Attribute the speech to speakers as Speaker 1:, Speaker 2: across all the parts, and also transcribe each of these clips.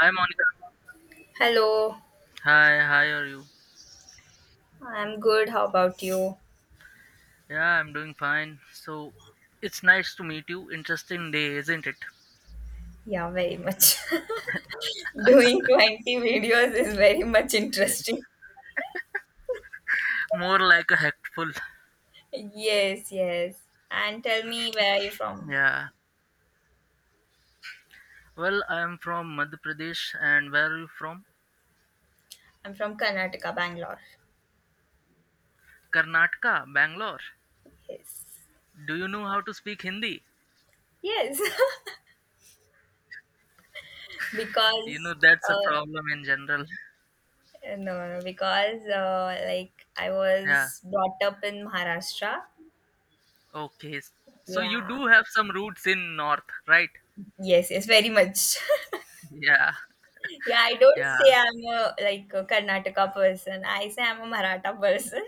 Speaker 1: Hi Monica.
Speaker 2: Hello,
Speaker 1: Hi, hi, are you?
Speaker 2: I'm good. How about you?
Speaker 1: Yeah, I'm doing fine. So, it's nice to meet you. Interesting day, isn't it?
Speaker 2: Yeah, very much. Doing 20 videos is very much interesting.
Speaker 1: More like a hectful.
Speaker 2: Yes, yes. And tell me, where are you from?
Speaker 1: Yeah. Well, I'm from Madhya Pradesh, and where are you from?
Speaker 2: I'm from Karnataka, Bangalore.
Speaker 1: Karnataka, Bangalore.
Speaker 2: Yes.
Speaker 1: Do you know how to speak Hindi?
Speaker 2: Yes.
Speaker 1: You
Speaker 2: because,
Speaker 1: know, that's a
Speaker 2: uh,
Speaker 1: problem in general.
Speaker 2: no, no, because, like, I
Speaker 1: Yeah.
Speaker 2: was brought up in Maharashtra.
Speaker 1: Okay. So, you
Speaker 2: Yeah.
Speaker 1: do have some roots in North, right?
Speaker 2: Yes, yes, very much.
Speaker 1: Yeah.
Speaker 2: yeah, I don't
Speaker 1: Yeah.
Speaker 2: say I'm a, like, a Karnataka person. I say I'm a Maratha person.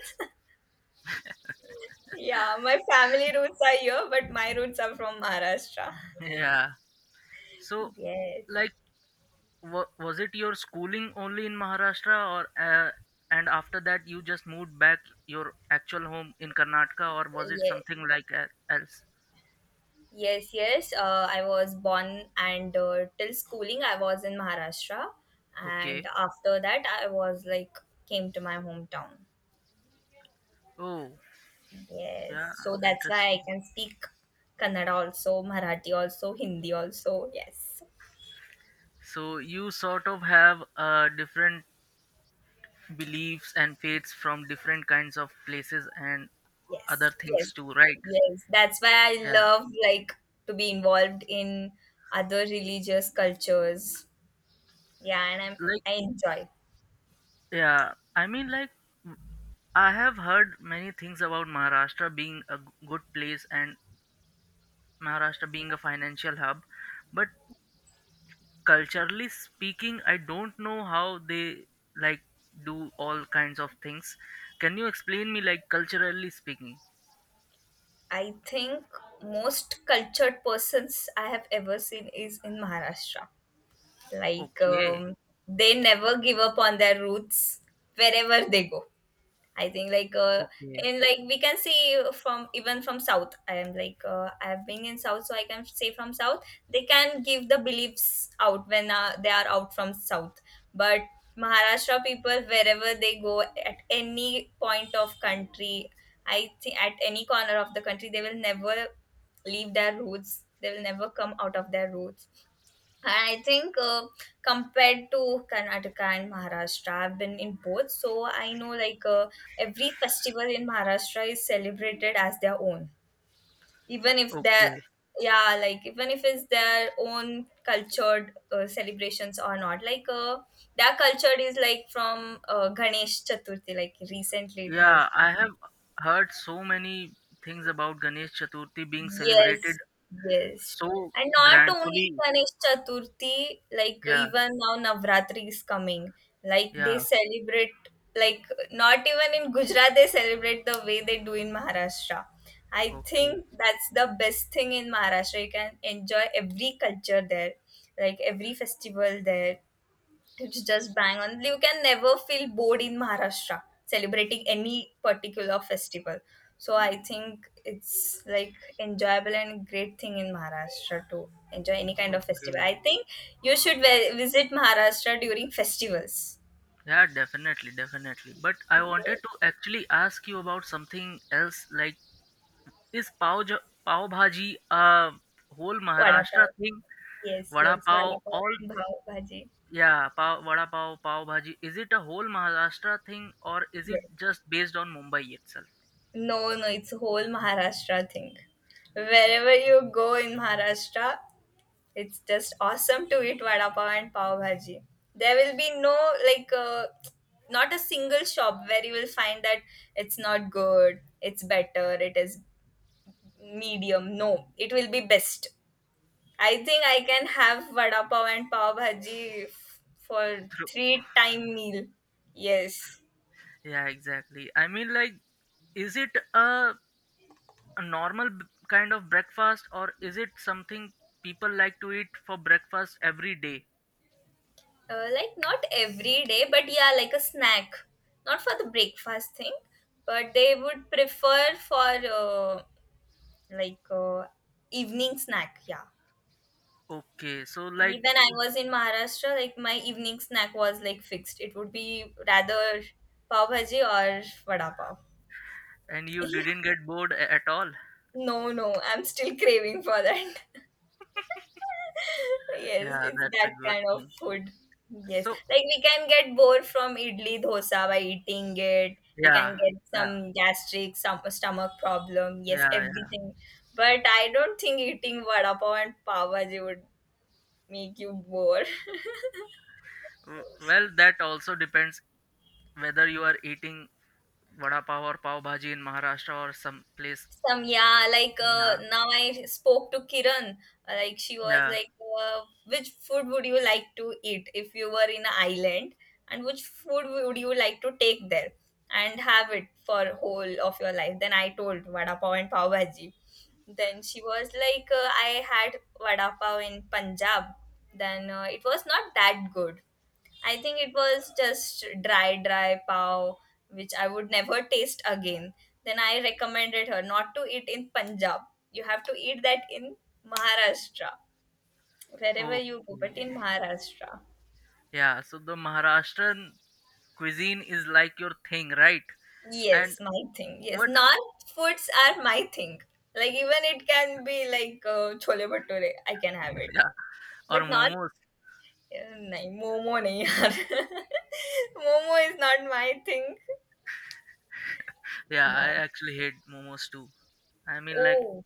Speaker 2: Yeah, my family roots are here, but my roots are from Maharashtra.
Speaker 1: Yeah. So,
Speaker 2: Yes,
Speaker 1: like, Wa was it your schooling only in Maharashtra, or and after that you just moved back your actual home in Karnataka, or was it
Speaker 2: yes,
Speaker 1: something like else?
Speaker 2: yes, yes. I was born and till schooling, I was in Maharashtra, and
Speaker 1: Okay.
Speaker 2: after that, I was like came to my hometown.
Speaker 1: Oh,
Speaker 2: Yes,
Speaker 1: yeah,
Speaker 2: so that's why
Speaker 1: interesting.
Speaker 2: I can speak Kannada also, Marathi also, Hindi also. Yes,
Speaker 1: So you sort of have different beliefs and faiths from different kinds of places and other
Speaker 2: yes, yes,
Speaker 1: things too, right?
Speaker 2: yes. That's why I
Speaker 1: Yeah,
Speaker 2: love like to be involved in other religious cultures. Yeah, and
Speaker 1: like
Speaker 2: I enjoy.
Speaker 1: yeah, I mean, like w- I have heard many things about Maharashtra being a good place and Maharashtra being a financial hub. But culturally speaking, I don't know how they, like, do all kinds of things. Can you explain me, like, culturally speaking?
Speaker 2: I think most cultured persons I have ever seen is in Maharashtra. Like
Speaker 1: Okay,
Speaker 2: they never give up on their roots wherever they go. I think like
Speaker 1: okay,
Speaker 2: and like we can see from even from South. I am like I have been in South, so I can say from South they can give the beliefs out when they are out from South. But Maharashtra people, wherever they go at any point of country, I think at any corner of the country, they will never leave their roots. They will never come out of their roots. I think compared to Karnataka and Maharashtra, I've been in both, so I know like every festival in Maharashtra is celebrated as their own, even if they're,
Speaker 1: okay.
Speaker 2: yeah, like even if it's their own cultured celebrations or not. Like their culture is like from Ganesh Chaturthi. Like recently, it has.
Speaker 1: Yeah, I have heard so many things about Ganesh Chaturthi being celebrated
Speaker 2: Yes, yes.
Speaker 1: so
Speaker 2: And not only
Speaker 1: grandfully.
Speaker 2: Ganesh Chaturthi, like
Speaker 1: Yeah,
Speaker 2: even now Navratri is coming. Like they
Speaker 1: yeah.
Speaker 2: celebrate, like not even in Gujarat they celebrate the way they do in Maharashtra. I
Speaker 1: Okay,
Speaker 2: think that's the best thing in Maharashtra. You can enjoy every culture there, like every festival there. It's just bang on. You can never feel bored in Maharashtra celebrating any particular festival. So I think it's like enjoyable and great thing in Maharashtra to enjoy any kind of festival.
Speaker 1: okay.
Speaker 2: I think you should visit Maharashtra during festivals.
Speaker 1: Yeah, definitely, definitely. But I wanted
Speaker 2: Yes.
Speaker 1: to actually ask you about something else, like, is pav bhaji a whole
Speaker 2: Vada
Speaker 1: Maharashtra
Speaker 2: pav.
Speaker 1: thing?
Speaker 2: Yes,
Speaker 1: Vada
Speaker 2: yes. Vada
Speaker 1: pav,
Speaker 2: pav
Speaker 1: all
Speaker 2: and bhav bhaji.
Speaker 1: yeah, pav, vada pav, pav bhaji. Is it a whole Maharashtra thing, or is it
Speaker 2: Yes.
Speaker 1: just based on Mumbai itself?
Speaker 2: No, no, it's a whole Maharashtra thing. Wherever you go in Maharashtra, it's just awesome to eat vada pav and pav bhaji. There will be no, like not a single shop where you will find that it's not good, it's better, it is medium. No, it will be best. I think I can have vada pav and pav bhaji for
Speaker 1: True.
Speaker 2: three time meal. Yes.
Speaker 1: Yeah, exactly. I mean, like, is it a normal kind of breakfast, or is it something people like to eat for breakfast every day?
Speaker 2: Like not every day, but yeah, like a snack. Not for the breakfast thing, but they would prefer for like evening snack, yeah.
Speaker 1: Okay, so, like,
Speaker 2: When I was in Maharashtra, like my evening snack was like fixed. It would be rather pav bhaji or vada pav.
Speaker 1: and you
Speaker 2: Yeah.
Speaker 1: didn't get bored at all?
Speaker 2: No, no, I'm still craving for that. Yes,
Speaker 1: Yeah,
Speaker 2: it's
Speaker 1: that's
Speaker 2: that
Speaker 1: a good
Speaker 2: kind of
Speaker 1: thing.
Speaker 2: food. Yes,
Speaker 1: So,
Speaker 2: like we can get bored from idli dosa by eating it. We
Speaker 1: yeah,
Speaker 2: can get
Speaker 1: yeah.
Speaker 2: some gastric, some stomach problem, yes,
Speaker 1: Yeah, yeah.
Speaker 2: everything. But I don't think eating vada pav and pav bhaji would make you bored.
Speaker 1: Well, that also depends whether you are eating vada pav or pav bhaji in Maharashtra or some place.
Speaker 2: Some, yeah, like
Speaker 1: Yeah,
Speaker 2: now I spoke to Kiran. Like she was
Speaker 1: yeah.
Speaker 2: like, which food would you like to eat if you were in an island, and which food would you like to take there and have it for whole of your life? Then I told vada pav and pav bhaji. Then she was like, I had vada pav in Punjab. Then it was not that good. I think it was just dry pav, which I would never taste again. Then I recommended her not to eat in Punjab. You have to eat that in Maharashtra, wherever
Speaker 1: Okay.
Speaker 2: you go, but in Maharashtra.
Speaker 1: Yeah, so the Maharashtrian cuisine is, like, your thing, right? And
Speaker 2: Yes, my thing. Yes,
Speaker 1: what?
Speaker 2: North foods are my thing. Like even it can be like chole bhature, I can have it.
Speaker 1: Yeah, or
Speaker 2: But not,
Speaker 1: momos.
Speaker 2: nahi, momo nahi yaar. Momo is not my thing.
Speaker 1: Yeah, I
Speaker 2: No.
Speaker 1: actually hate momos too. I mean, like,
Speaker 2: Oh,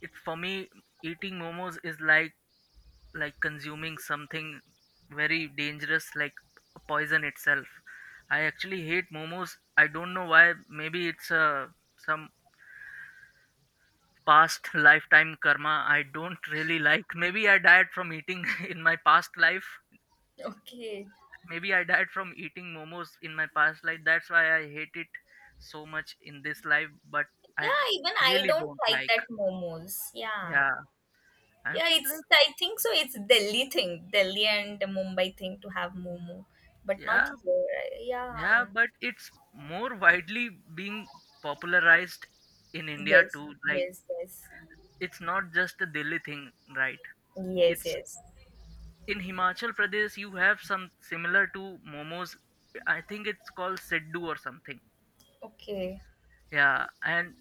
Speaker 1: it for me, eating momos is like consuming something very dangerous, like poison itself. I actually hate momos. I don't know why. Maybe it's some past lifetime karma. I don't really like. Maybe I died from eating in my past life.
Speaker 2: okay.
Speaker 1: Maybe I died from eating momos in my past life, that's why I hate it so much in this life. But I
Speaker 2: Yeah, even I
Speaker 1: really
Speaker 2: don't
Speaker 1: don't
Speaker 2: like
Speaker 1: like.
Speaker 2: that momos. Yeah.
Speaker 1: Yeah, I
Speaker 2: Yeah,
Speaker 1: mean, like,
Speaker 2: it's, I think so, it's Delhi thing. Delhi and Mumbai thing to have momo. But not
Speaker 1: yeah.
Speaker 2: here.
Speaker 1: Yeah,
Speaker 2: Yeah.
Speaker 1: but it's more widely being popularized in India
Speaker 2: Yes,
Speaker 1: too. Like,
Speaker 2: yes, yes.
Speaker 1: it's not just a Delhi thing, right?
Speaker 2: Yes,
Speaker 1: It's
Speaker 2: yes.
Speaker 1: in Himachal Pradesh you have some similar to momos. I think it's called Siddu or something.
Speaker 2: Okay.
Speaker 1: Yeah, and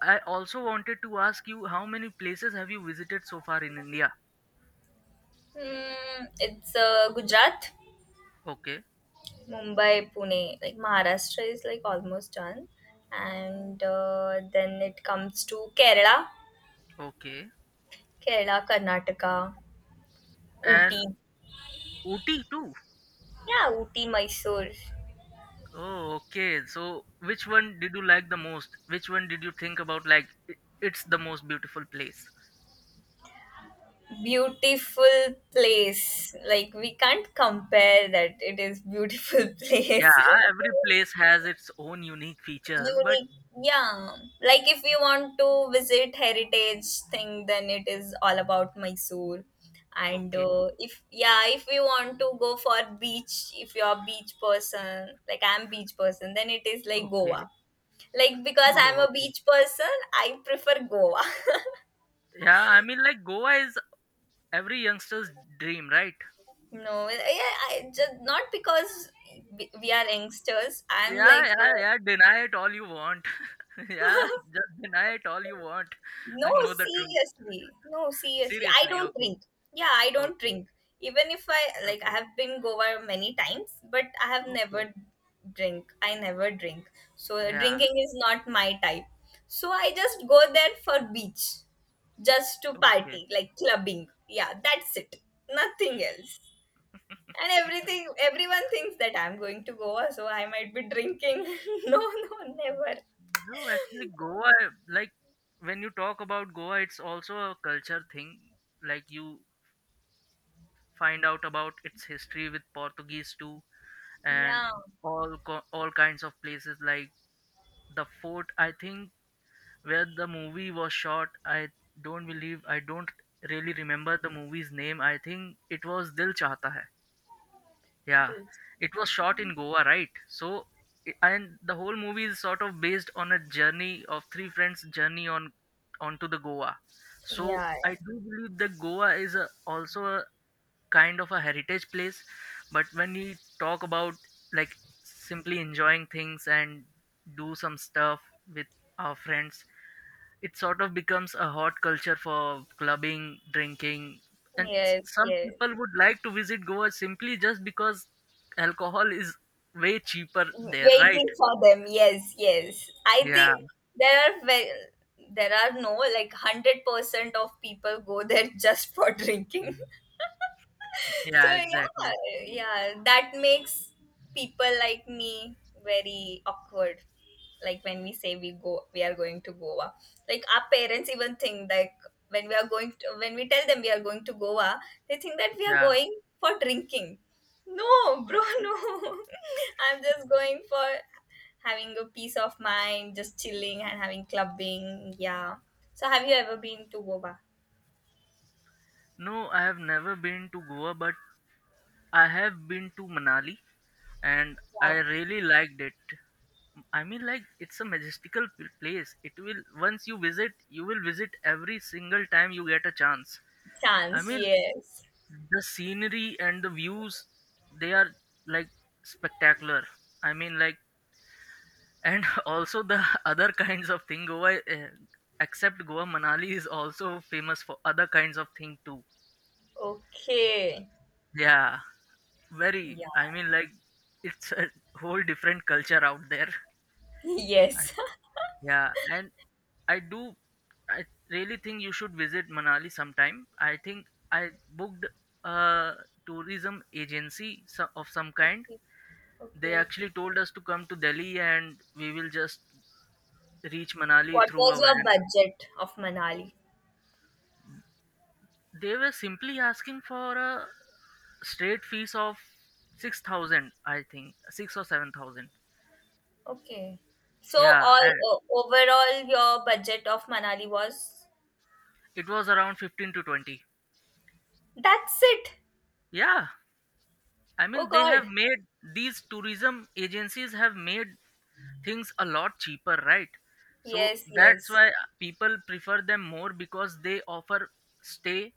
Speaker 1: I also wanted to ask you, how many places have you visited so far in India?
Speaker 2: Hmm, it's Gujarat,
Speaker 1: Okay,
Speaker 2: Mumbai, Pune. Like Maharashtra is like almost done. And then it comes to Kerala,
Speaker 1: okay.
Speaker 2: Karnataka, Ooty.
Speaker 1: And Ooty too.
Speaker 2: Yeah, Ooty, Mysore.
Speaker 1: Oh, okay. So, which one did you like the most? Which one did you think about, like, it's the most beautiful place?
Speaker 2: Beautiful place, like we can't compare that it is beautiful
Speaker 1: Yeah,
Speaker 2: place.
Speaker 1: every place has its own unique features, but
Speaker 2: Unique, yeah, like if you want to visit heritage thing, then it is all about Mysore. And
Speaker 1: okay,
Speaker 2: if, yeah, if we want to go for beach, if you're a beach person, like I'm beach person, then it is like
Speaker 1: okay.
Speaker 2: Goa. Like because I'm
Speaker 1: Oh,
Speaker 2: a
Speaker 1: okay.
Speaker 2: beach person, I prefer Goa.
Speaker 1: Yeah, I mean, like, Goa is every youngster's dream, right?
Speaker 2: No, yeah, I just not because we are youngsters. I'm
Speaker 1: Yeah,
Speaker 2: like,
Speaker 1: yeah, yeah. Deny it all you want. Yeah, just deny it all you want.
Speaker 2: no,
Speaker 1: I know the truth.
Speaker 2: seriously, no, seriously. I
Speaker 1: Seriously,
Speaker 2: don't
Speaker 1: okay,
Speaker 2: drink. Yeah, I don't
Speaker 1: okay,
Speaker 2: drink. Even if I like, I
Speaker 1: okay,
Speaker 2: have been Goa many times, but I have
Speaker 1: okay.
Speaker 2: never drink. I never drink. So
Speaker 1: Yeah,
Speaker 2: drinking is not my type. So I just go there for beach, just to
Speaker 1: okay.
Speaker 2: party, like clubbing. Yeah, that's it. Nothing else. And everyone thinks that I'm going to Goa, so I might be drinking. No, no, never.
Speaker 1: No, actually, Goa, like, when you talk about Goa, it's also a culture thing. Like, you find out about its history with Portuguese too, and
Speaker 2: Yeah.
Speaker 1: all kinds of places like the fort. I think where the movie was shot. I don't believe. I don't really remember the movie's name. I think it was Dil Chahta Hai. Yeah, it was shot in Goa, right? So, and the whole movie is sort of based on a journey of three friends' journey on onto the Goa. So,
Speaker 2: Yeah,
Speaker 1: I do believe that Goa is also a kind of a heritage place. But when we talk about, like, simply enjoying things and do some stuff with our friends, it sort of becomes a hot culture for clubbing, drinking,
Speaker 2: yeah.
Speaker 1: and
Speaker 2: Yes,
Speaker 1: some
Speaker 2: yes.
Speaker 1: people would like to visit Goa simply just because alcohol is way cheaper there, right?
Speaker 2: Waiting for them. Yes, yes. I
Speaker 1: Yeah,
Speaker 2: think there are ve- there are no, like, 100% of people go there just for drinking. So
Speaker 1: yeah,
Speaker 2: yeah,
Speaker 1: exactly.
Speaker 2: yeah, that makes people like me very awkward. Like when we say we go, we are going to Goa. Like our parents even think like when we tell them we are going to Goa, they think that we are
Speaker 1: Yeah.
Speaker 2: going for drinking. No, bro, no. I'm just going for having a peace of mind, just chilling and having clubbing. Yeah. So have you ever been to Goa?
Speaker 1: No, I have never been to Goa, but I have been to Manali, and
Speaker 2: Yeah.
Speaker 1: I really liked it. I mean, like, it's a majestical place. It will, once you visit, you will visit every single time you get a chance. I
Speaker 2: Chance,
Speaker 1: mean,
Speaker 2: yes.
Speaker 1: the scenery and the views, they are, like, spectacular. I mean, like, and also the other kinds of thing, goa except Goa, Manali is also famous for other kinds of thing too.
Speaker 2: Okay.
Speaker 1: Yeah, very,
Speaker 2: Yeah.
Speaker 1: I mean, like, it's a whole different culture out there. I,
Speaker 2: Yes.
Speaker 1: yeah, and i do I really think you should visit Manali sometime. I think I booked a tourism agency of some kind.
Speaker 2: Okay.
Speaker 1: They
Speaker 2: Okay.
Speaker 1: actually told us to come to Delhi, and we will just reach Manali
Speaker 2: What
Speaker 1: through
Speaker 2: was
Speaker 1: a
Speaker 2: your
Speaker 1: van.
Speaker 2: budget of Manali?
Speaker 1: They were simply asking for a straight fees of 6,000, I think, 6 or 7,000.
Speaker 2: Okay. So
Speaker 1: Yeah,
Speaker 2: all
Speaker 1: and
Speaker 2: overall your budget of Manali was
Speaker 1: it was around 15 to 20.
Speaker 2: that's it.
Speaker 1: Yeah, I
Speaker 2: Oh
Speaker 1: mean, they have
Speaker 2: God.
Speaker 1: made these tourism agencies have made things a lot cheaper, right? So
Speaker 2: Yes,
Speaker 1: that's
Speaker 2: yes.
Speaker 1: why people prefer them more because they offer stay,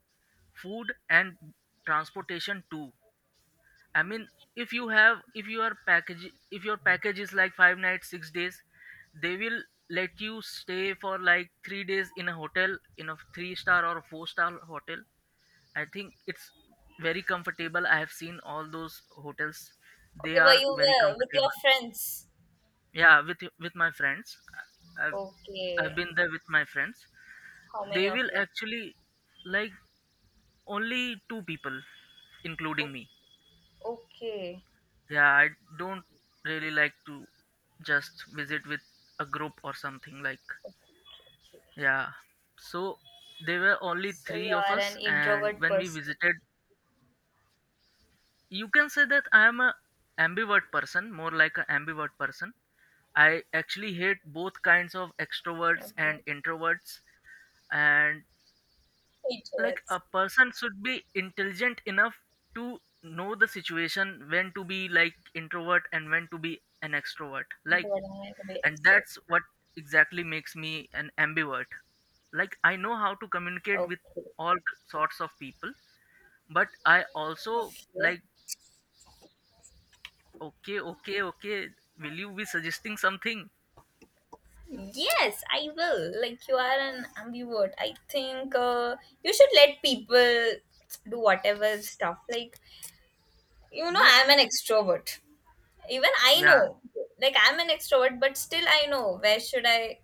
Speaker 1: food, and transportation too. I mean, if you have, if your package is like 5 nights, 6 days, they will let you stay for like 3 days in a hotel, in a three star or a four-star hotel. I think it's very comfortable. I have seen all those hotels; they
Speaker 2: Okay, were
Speaker 1: are
Speaker 2: you
Speaker 1: very
Speaker 2: with your
Speaker 1: comfortable.
Speaker 2: friends?
Speaker 1: Yeah, with my friends, I've I've
Speaker 2: Okay.
Speaker 1: been there with my friends.
Speaker 2: How many
Speaker 1: They
Speaker 2: of
Speaker 1: will
Speaker 2: you?
Speaker 1: actually, like, only two people, including
Speaker 2: O-
Speaker 1: me.
Speaker 2: okay.
Speaker 1: Yeah, I don't really like to just visit with a group or something like,
Speaker 2: Okay.
Speaker 1: yeah. So there were only
Speaker 2: So
Speaker 1: three
Speaker 2: you
Speaker 1: of
Speaker 2: are an
Speaker 1: us, and
Speaker 2: introvert
Speaker 1: when we
Speaker 2: person.
Speaker 1: visited, you can say that I am a ambivert person, more like a ambivert person. I actually hate both kinds of extroverts
Speaker 2: Okay.
Speaker 1: and introverts, and, like,
Speaker 2: Introverts.
Speaker 1: a person should be intelligent enough to know the situation when to be like introvert and when to be an extrovert. Like,
Speaker 2: Introvert and meant to be
Speaker 1: and
Speaker 2: extrovert.
Speaker 1: that's what exactly makes me an ambivert, like, I know how to communicate with
Speaker 2: Okay.
Speaker 1: all sorts of people, but I also
Speaker 2: Okay.
Speaker 1: like. Okay, okay, okay, will you be suggesting something?
Speaker 2: Yes, I will. Like you are an ambivert. I think you should let people do whatever stuff. Like you know,
Speaker 1: No.
Speaker 2: I'm an extrovert. Even I
Speaker 1: Yeah.
Speaker 2: know, like I'm an extrovert, but still I know where should I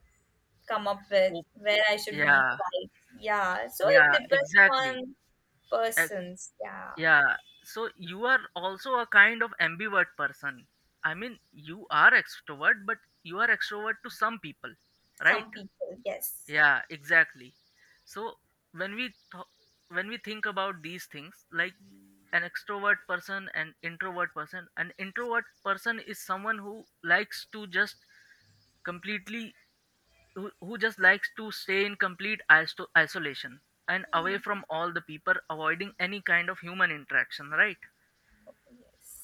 Speaker 2: come up with
Speaker 1: Oh,
Speaker 2: where I should be
Speaker 1: yeah.
Speaker 2: quiet. Yeah, so it
Speaker 1: Yeah,
Speaker 2: depends
Speaker 1: exactly.
Speaker 2: on
Speaker 1: Ac-
Speaker 2: persons. Yeah,
Speaker 1: yeah, so you are also a kind of ambivert person, I mean, you are extrovert, but you are extrovert to some people,
Speaker 2: some
Speaker 1: right?
Speaker 2: people. Yes.
Speaker 1: Yeah, exactly. So when we think about these things, like an extrovert person and introvert person, an introvert person is someone who likes to just completely who just likes to stay in complete isolation and away
Speaker 2: Mm.
Speaker 1: from all the people, avoiding any kind of human interaction, right?
Speaker 2: Yes,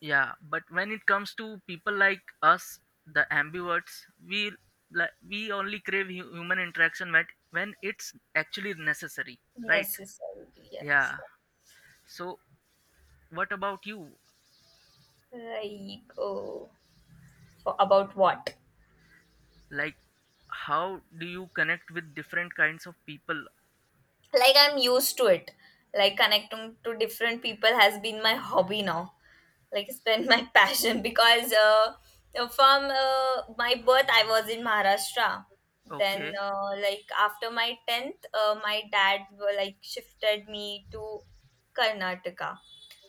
Speaker 1: Yeah, but when it comes to people like us, the ambiverts, we, like, we only crave human interaction when it's actually necessary, right?
Speaker 2: necessary, yes.
Speaker 1: Yeah. So what about you,
Speaker 2: Yeah. Right. Oh, for about what?
Speaker 1: like, how do you connect with different kinds of people?
Speaker 2: Like I'm used to it. Like connecting to different people has been my hobby now, like spend my passion because from my birth I was in Maharashtra. Then
Speaker 1: Okay,
Speaker 2: like after my 10th, my dad were, like shifted me to Karnataka.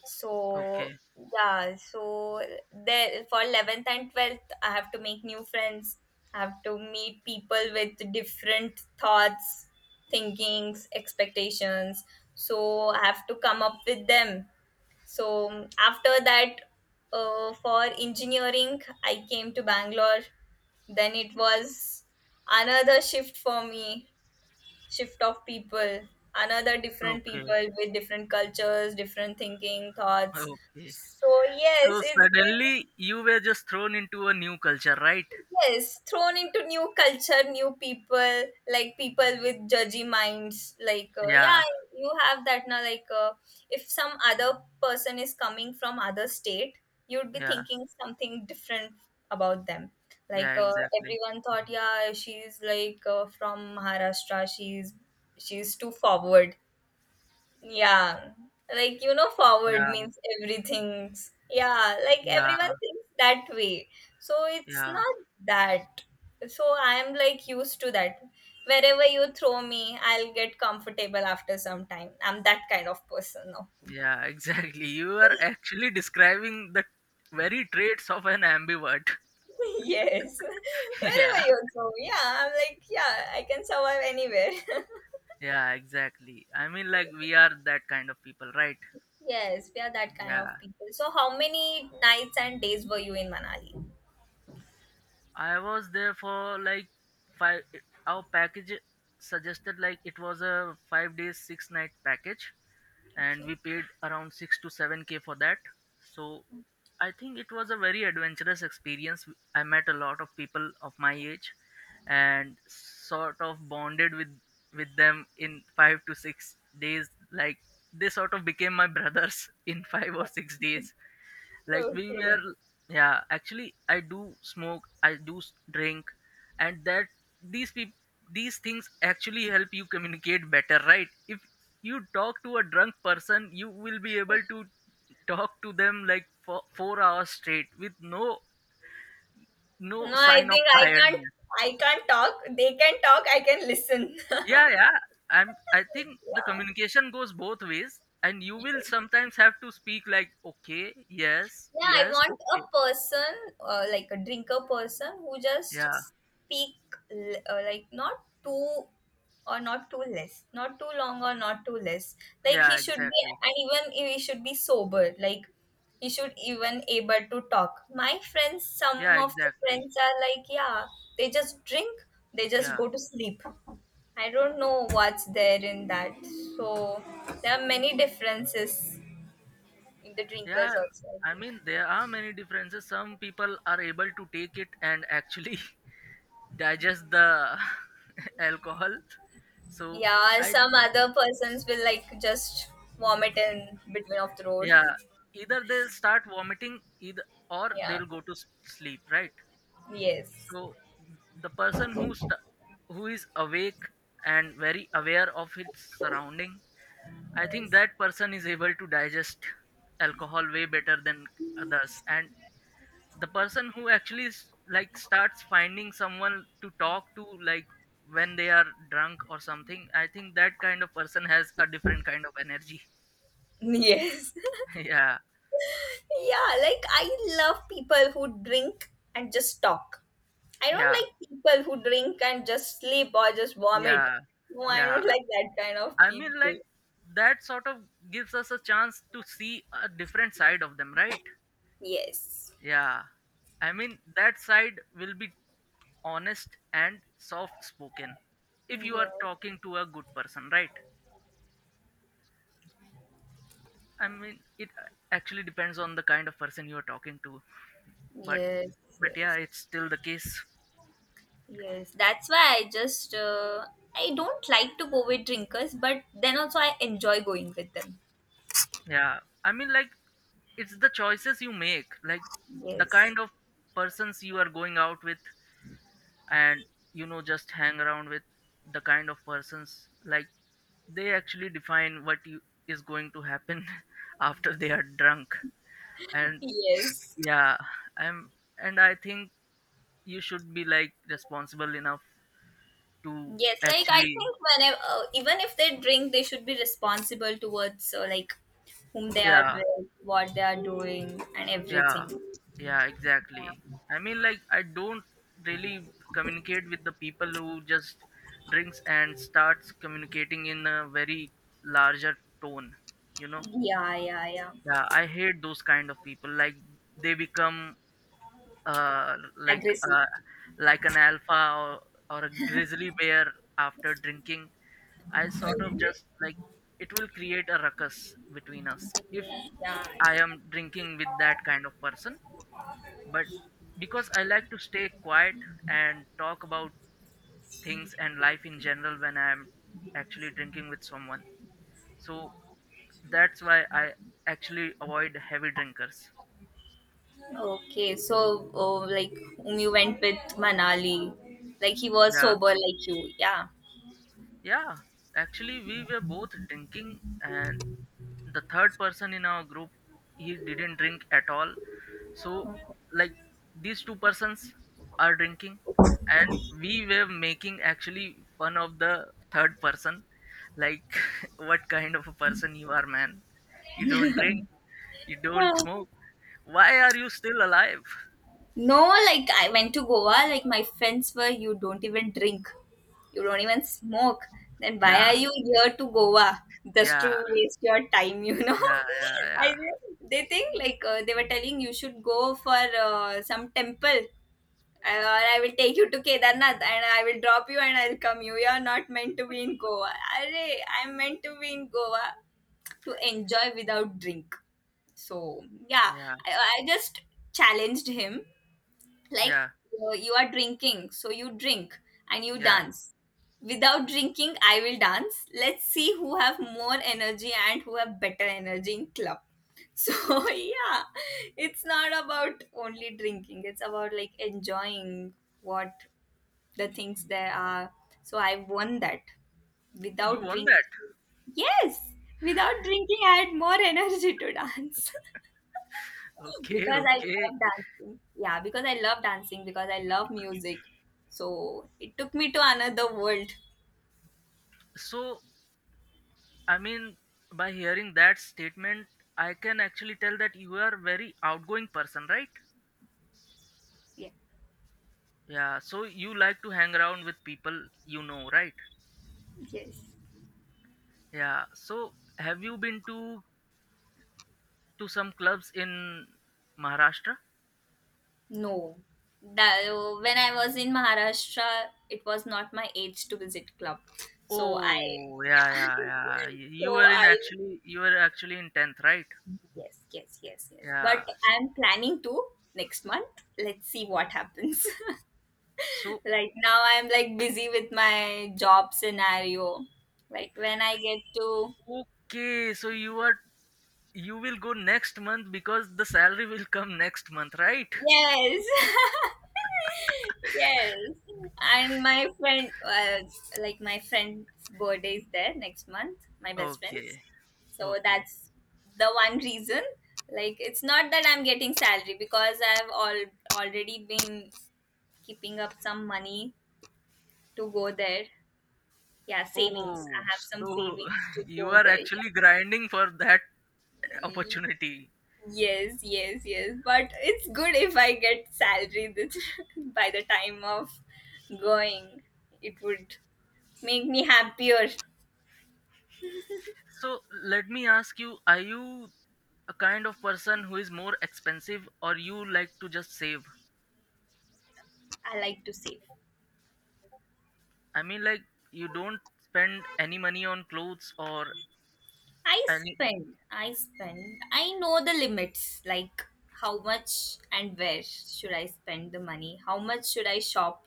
Speaker 2: So
Speaker 1: okay,
Speaker 2: yeah, so there for 11th and 12th I have to make new friends. I have to meet people with different thoughts, thinkings, expectations. So I have to come up with them, so after that, for engineering, I came to Bangalore. Then it was another shift for me, shift of people, another different
Speaker 1: okay,
Speaker 2: people with different cultures, different thinking, thoughts.
Speaker 1: okay.
Speaker 2: So
Speaker 1: So
Speaker 2: yes, it's
Speaker 1: suddenly you were just thrown into a new culture, right?
Speaker 2: yes, thrown into new culture, new people, like people with judgy minds, like yeah,
Speaker 1: Yeah,
Speaker 2: you have that now, like if some other person is coming from other state, you'd be
Speaker 1: yeah,
Speaker 2: thinking something different about them, like
Speaker 1: yeah, exactly.
Speaker 2: everyone thought, yeah, she's like from Maharashtra, she's too forward. Yeah, like forward
Speaker 1: Yeah,
Speaker 2: means everything's. Yeah, like
Speaker 1: yeah,
Speaker 2: everyone thinks that way. So it's
Speaker 1: yeah.
Speaker 2: not that. So I'm like used to that. Wherever you throw me, I'll get comfortable after some time. I'm that kind of person now.
Speaker 1: Yeah, exactly. You are actually describing the very traits of an ambivert.
Speaker 2: Yes. Wherever
Speaker 1: Yeah,
Speaker 2: you throw me, yeah, I'm like, yeah, I can survive anywhere.
Speaker 1: yeah, exactly. I mean, like, we are that kind of people, right?
Speaker 2: Yes, we are that kind of
Speaker 1: Yeah,
Speaker 2: people. So how many nights and days were you in Manali?
Speaker 1: I was there for like five. Our package suggested like it was a 5 days, 6 night package, and
Speaker 2: Okay.
Speaker 1: we paid around 6 to 7K for that. So I think it was a very adventurous experience. I met a lot of people of my age, and sort of bonded with them in 5 to 6 days. Like, they sort of became my brothers in 5 or 6 days, like, we
Speaker 2: Okay.
Speaker 1: were. Yeah, actually, I do smoke, I do drink, and that these people these things actually help you communicate better, right? If you talk to a drunk person, you will be able to talk to them like for 4 hours straight with no
Speaker 2: No, I
Speaker 1: sign of
Speaker 2: think I can't.
Speaker 1: tiredness.
Speaker 2: I can't talk. They can talk. I can listen.
Speaker 1: Yeah, yeah, i'm I think the
Speaker 2: Yeah.
Speaker 1: communication goes both ways, and you will
Speaker 2: Yes.
Speaker 1: sometimes have to speak like okay, yes,
Speaker 2: Yeah, I
Speaker 1: yes,
Speaker 2: want a
Speaker 1: okay.
Speaker 2: person, like a drinker person, who just
Speaker 1: Yeah,
Speaker 2: speak like not too or not too less, not too long or not too less. Like he
Speaker 1: yeah,
Speaker 2: should be,
Speaker 1: exactly.
Speaker 2: and even he should be sober. Like he should even able to talk. My friends, some
Speaker 1: Yeah,
Speaker 2: of the
Speaker 1: exactly.
Speaker 2: friends are like, yeah, they just drink, they just
Speaker 1: Yeah,
Speaker 2: go to sleep. I don't know what's there in that. So there are many differences in the
Speaker 1: yeah.
Speaker 2: drinkers also, I
Speaker 1: I
Speaker 2: think.
Speaker 1: mean, there are many differences. Some people are able to take it, and actually digest the alcohol. So
Speaker 2: Yeah,
Speaker 1: I,
Speaker 2: some other persons will like just vomit in between of the road.
Speaker 1: yeah, either they'll start vomiting, either or
Speaker 2: Yeah.
Speaker 1: they'll go to sleep, right?
Speaker 2: Yes.
Speaker 1: So the person who who is awake and very aware of its surrounding, I think
Speaker 2: Yes.
Speaker 1: that person is able to digest alcohol way better than others. And the person who actually like starts finding someone to talk to, like when they are drunk or something. I think that kind of person has a different kind of energy.
Speaker 2: Yes.
Speaker 1: Yeah,
Speaker 2: Yeah, like I love people who drink and just talk. I don't
Speaker 1: yeah,
Speaker 2: like people who drink and just sleep or just vomit.
Speaker 1: yeah,
Speaker 2: No, I
Speaker 1: yeah.
Speaker 2: don't like that kind of
Speaker 1: I mean,
Speaker 2: people.
Speaker 1: like, that sort of gives us a chance to see a different side of them, right?
Speaker 2: Yes.
Speaker 1: Yeah. I mean, that side will be honest and soft spoken if you are
Speaker 2: Yes.
Speaker 1: talking to a good person, right? I mean, it actually depends on the kind of person you are talking to, but
Speaker 2: Yes,
Speaker 1: but yeah,
Speaker 2: yes,
Speaker 1: it's still the case.
Speaker 2: yes. That's why I just I don't like to go with drinkers, but then also I enjoy going with them.
Speaker 1: Yeah, I mean, like, it's the choices you make, like the
Speaker 2: Yes,
Speaker 1: kind of persons you are going out with, and just hang around with the kind of persons, like they actually define what you, is going to happen after they are drunk. And
Speaker 2: yes,
Speaker 1: yeah, I'm and I think you should be like responsible enough to
Speaker 2: yes. Like I
Speaker 1: actually.
Speaker 2: think whenever, even if they drink, they should be responsible towards like whom they are
Speaker 1: Yeah,
Speaker 2: with, what they are doing, and
Speaker 1: yeah,
Speaker 2: everything.
Speaker 1: yeah, exactly. I mean, like, I don't really communicate with the people who just drinks and starts communicating in a very larger tone you know
Speaker 2: Yeah, yeah, yeah.
Speaker 1: yeah, I hate those kind of people, like they become uh like
Speaker 2: Aggressive.
Speaker 1: uh like an alpha, or a grizzly bear after drinking. I sort of just like it will create a ruckus between us if
Speaker 2: Yeah, yeah.
Speaker 1: I am drinking with that kind of person, but because I like to stay quiet and talk about things and life in general when I'm actually drinking with someone. So that's why I actually avoid heavy drinkers.
Speaker 2: Okay, so oh, like whom you went with Manali, like he was
Speaker 1: Yeah.
Speaker 2: sober like you, yeah.
Speaker 1: Yeah. Actually, we were both drinking, and the third person in our group, he didn't drink at all. So, like, these two persons are drinking, and we were making actually fun of the third person, like what kind of a person you are, man? You don't drink, you
Speaker 2: Yeah.
Speaker 1: don't smoke, why are you still alive?
Speaker 2: No, like I went to Goa, like my friends were, you don't even drink, you don't even smoke. Then why are
Speaker 1: Yeah,
Speaker 2: you here to Goa? Just
Speaker 1: yeah,
Speaker 2: to waste your time, you know?
Speaker 1: yeah, yeah,
Speaker 2: I,
Speaker 1: yeah,
Speaker 2: they think like they were telling you should go for some temple and or I will take you to Kedarnath and I will drop you and I'll come you. You're not meant to be in Goa. Arre, I'm meant to be in Goa to enjoy without drink. So yeah,
Speaker 1: yeah,
Speaker 2: I just challenged him like
Speaker 1: yeah,
Speaker 2: you are drinking so you drink and you
Speaker 1: yeah.
Speaker 2: dance. Without drinking, I will dance. Let's see who have more energy and who have better energy in club. So yeah, it's not about only drinking, it's about like enjoying what the things there are. So I won that.
Speaker 1: You
Speaker 2: Without
Speaker 1: won
Speaker 2: drinking,
Speaker 1: that.
Speaker 2: yes, without drinking, I had more energy to dance.
Speaker 1: Okay,
Speaker 2: Because I
Speaker 1: okay,
Speaker 2: love dancing. Yeah, because I love dancing, because I love music. So it took me to another world.
Speaker 1: so, I mean, by hearing that statement, I can actually tell that you are very outgoing person, right?
Speaker 2: Yeah.
Speaker 1: Yeah, so you like to hang around with people you know, right?
Speaker 2: Yes.
Speaker 1: Yeah. So have you been to some clubs in Maharashtra?
Speaker 2: No. That, when I was in Maharashtra, it was not my age to visit club. So I,
Speaker 1: Oh, yeah,
Speaker 2: yeah.
Speaker 1: yeah, yeah. Y-
Speaker 2: So
Speaker 1: You were in
Speaker 2: I,
Speaker 1: actually you were actually in 10th, right?
Speaker 2: yes, yes, yes, yes. But
Speaker 1: Yeah.
Speaker 2: I'm planning to next month. Let's see what happens.
Speaker 1: So
Speaker 2: Right now, I'm like busy with my job scenario. Like when I get to.
Speaker 1: okay, so you will go next month because the salary will come next month, right?
Speaker 2: Yes. Yes. And my friend, like my friend's birthday is there next month, my best friend's.
Speaker 1: Okay.
Speaker 2: So
Speaker 1: Okay.
Speaker 2: that's the one reason. Like it's not that I'm getting salary, because I've all already been keeping up some money to go there. Yeah, savings.
Speaker 1: Oh,
Speaker 2: I have some
Speaker 1: so
Speaker 2: savings to
Speaker 1: you
Speaker 2: go
Speaker 1: are
Speaker 2: there.
Speaker 1: actually grinding for that
Speaker 2: Yeah.
Speaker 1: opportunity.
Speaker 2: Yes, yes, yes. But it's good if I get salary this by the time of going. It would make me happier.
Speaker 1: So let me ask you, are you a kind of person who is more expensive or you like to just save?
Speaker 2: I like to save.
Speaker 1: I mean, like, you don't spend any money on clothes or
Speaker 2: I
Speaker 1: any.
Speaker 2: spend. I spend. I know the limits, like how much and where should I spend the money? How much should I shop?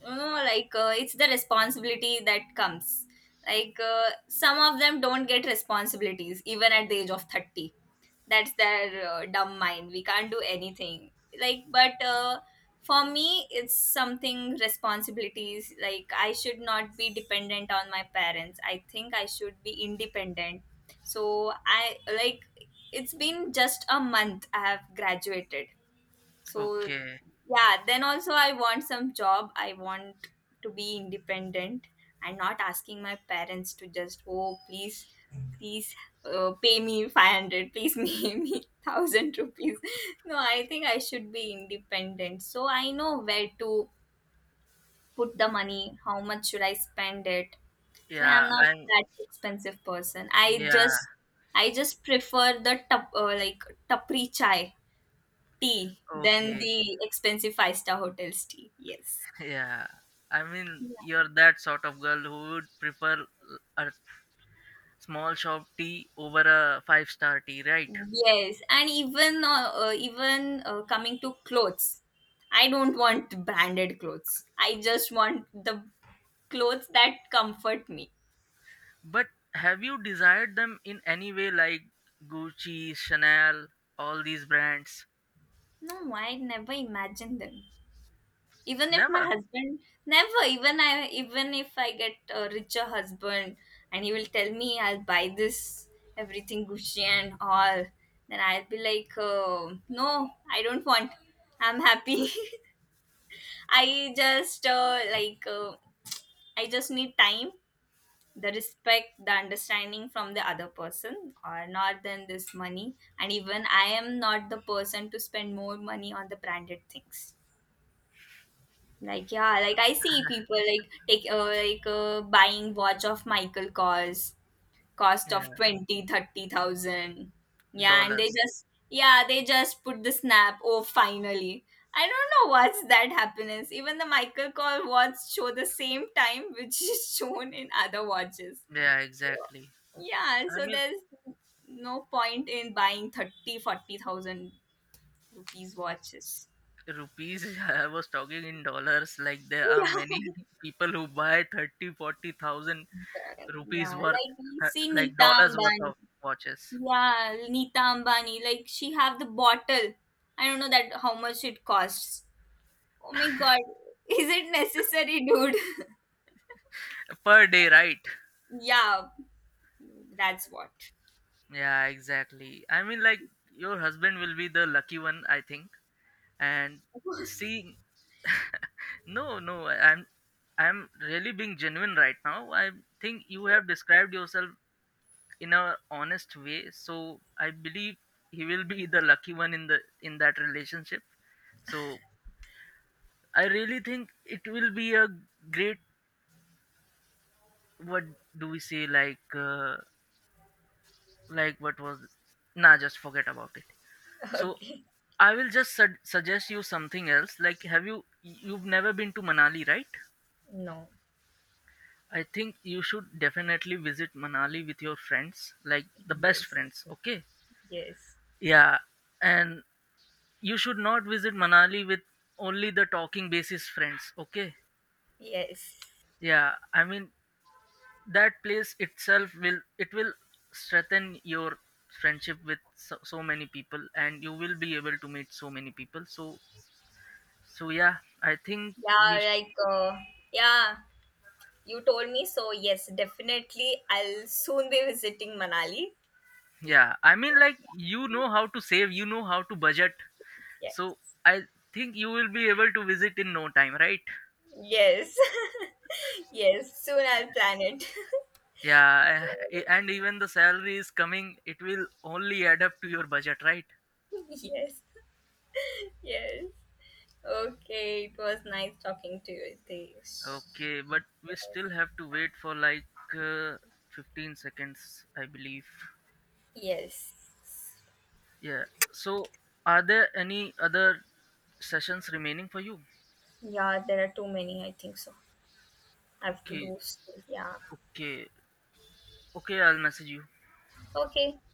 Speaker 2: You know, like it's the responsibility that comes. Like some of them don't get responsibilities even at the age of 30. That's their dumb mind, we can't do anything. Like but for me it's something responsibilities, like I should not be dependent on my parents. I think I should be independent. So I like, it's been just a month I have graduated. So
Speaker 1: Okay.
Speaker 2: yeah, then also I want some job. I want to be independent and not asking my parents to just, oh, please, please pay me 500, please pay me 1000 rupees. No, I think I should be independent. So I know where to put the money, how much should I spend it. So I'm
Speaker 1: Yeah,
Speaker 2: not
Speaker 1: I'm
Speaker 2: that expensive person. I
Speaker 1: yeah,
Speaker 2: just I just prefer the like tapri chai. Tea than
Speaker 1: okay.
Speaker 2: the expensive five-star hotels tea. Yes.
Speaker 1: Yeah. I mean,
Speaker 2: Yeah.
Speaker 1: you're that sort of girl who would prefer a small shop tea over a five-star tea, right?
Speaker 2: Yes, and even even coming to clothes, I don't want branded clothes. I just want the clothes that comfort me.
Speaker 1: But have you desired them in any way, like Gucci, Chanel, all these brands?
Speaker 2: No, I never imagined them. Even if my
Speaker 1: Never.
Speaker 2: husband, never, even if I get a richer husband and he will tell me I'll buy this, everything Gucci and all, then I'll be like no, I don't want. I'm happy. I just like I just need time, the respect, the understanding from the other person or not than this money. And even I am not the person to spend more money on the branded things. Like yeah, like I see people like take like buying watch of Michael Kors cost of
Speaker 1: Yeah,
Speaker 2: 20-30 thousand. Yeah, and they
Speaker 1: dollars.
Speaker 2: just yeah, they just put the snap. Oh, finally. I don't know what's that happiness. Even the Michael Kors watch show the same time which is shown in other watches.
Speaker 1: Yeah, exactly.
Speaker 2: Yeah,
Speaker 1: I
Speaker 2: so
Speaker 1: mean,
Speaker 2: there's no point in buying 30-40 thousand rupees watches.
Speaker 1: rupees, I was talking in dollars. Like, there are
Speaker 2: Yeah.
Speaker 1: many people who buy 30, 40,000
Speaker 2: Yeah,
Speaker 1: rupees worth,
Speaker 2: like we see
Speaker 1: like
Speaker 2: Nita
Speaker 1: dollars worth
Speaker 2: Ambani.
Speaker 1: of watches
Speaker 2: Yeah, Nita Ambani. Like she have the bottle. I don't know that how much it costs. Oh my god, is it necessary, dude?
Speaker 1: per day, right?
Speaker 2: Yeah, that's what.
Speaker 1: Yeah, exactly. I mean, like, your husband will be the lucky one, I think. And see, no, no, I'm really being genuine right now. I think you have described yourself in a honest way, so I believe he will be the lucky one in that relationship. So I really think it will be a great, what do we say, like what was, nah, just forget about it. So I will just suggest you something else, like have you you've never been to Manali, right?
Speaker 2: No.
Speaker 1: I think you should definitely visit Manali with your friends, like the best
Speaker 2: Yes.
Speaker 1: friends, okay?
Speaker 2: Yes.
Speaker 1: Yeah. And you should not visit Manali with only the talking basis friends. Okay?
Speaker 2: Yes.
Speaker 1: Yeah, I mean that place itself will it will strengthen your friendship with so, so many people, and you will be able to meet so many people. So yeah, I think we
Speaker 2: Yeah,
Speaker 1: sh-
Speaker 2: like yeah, you told me so. Yes, definitely. I'll soon be visiting Manali.
Speaker 1: yeah, I mean, like, you know how to save, you know how to budget.
Speaker 2: Yes.
Speaker 1: So I think you will be able to visit in no time, right?
Speaker 2: Yes. Yes. Soon I'll plan it.
Speaker 1: Yeah, and even the salary is coming, it will only add up to your budget, right?
Speaker 2: Yes. Yes. Okay. It was nice talking to you. This.
Speaker 1: Okay, but we still have to wait for like uh, 15 seconds, I believe.
Speaker 2: Yes. Yes.
Speaker 1: Yeah. So, are there any other sessions remaining for you?
Speaker 2: Yeah, there are too many. I think so. I have to
Speaker 1: Okay,
Speaker 2: do. S- Yeah.
Speaker 1: okay, okay. I'll message you.
Speaker 2: Okay.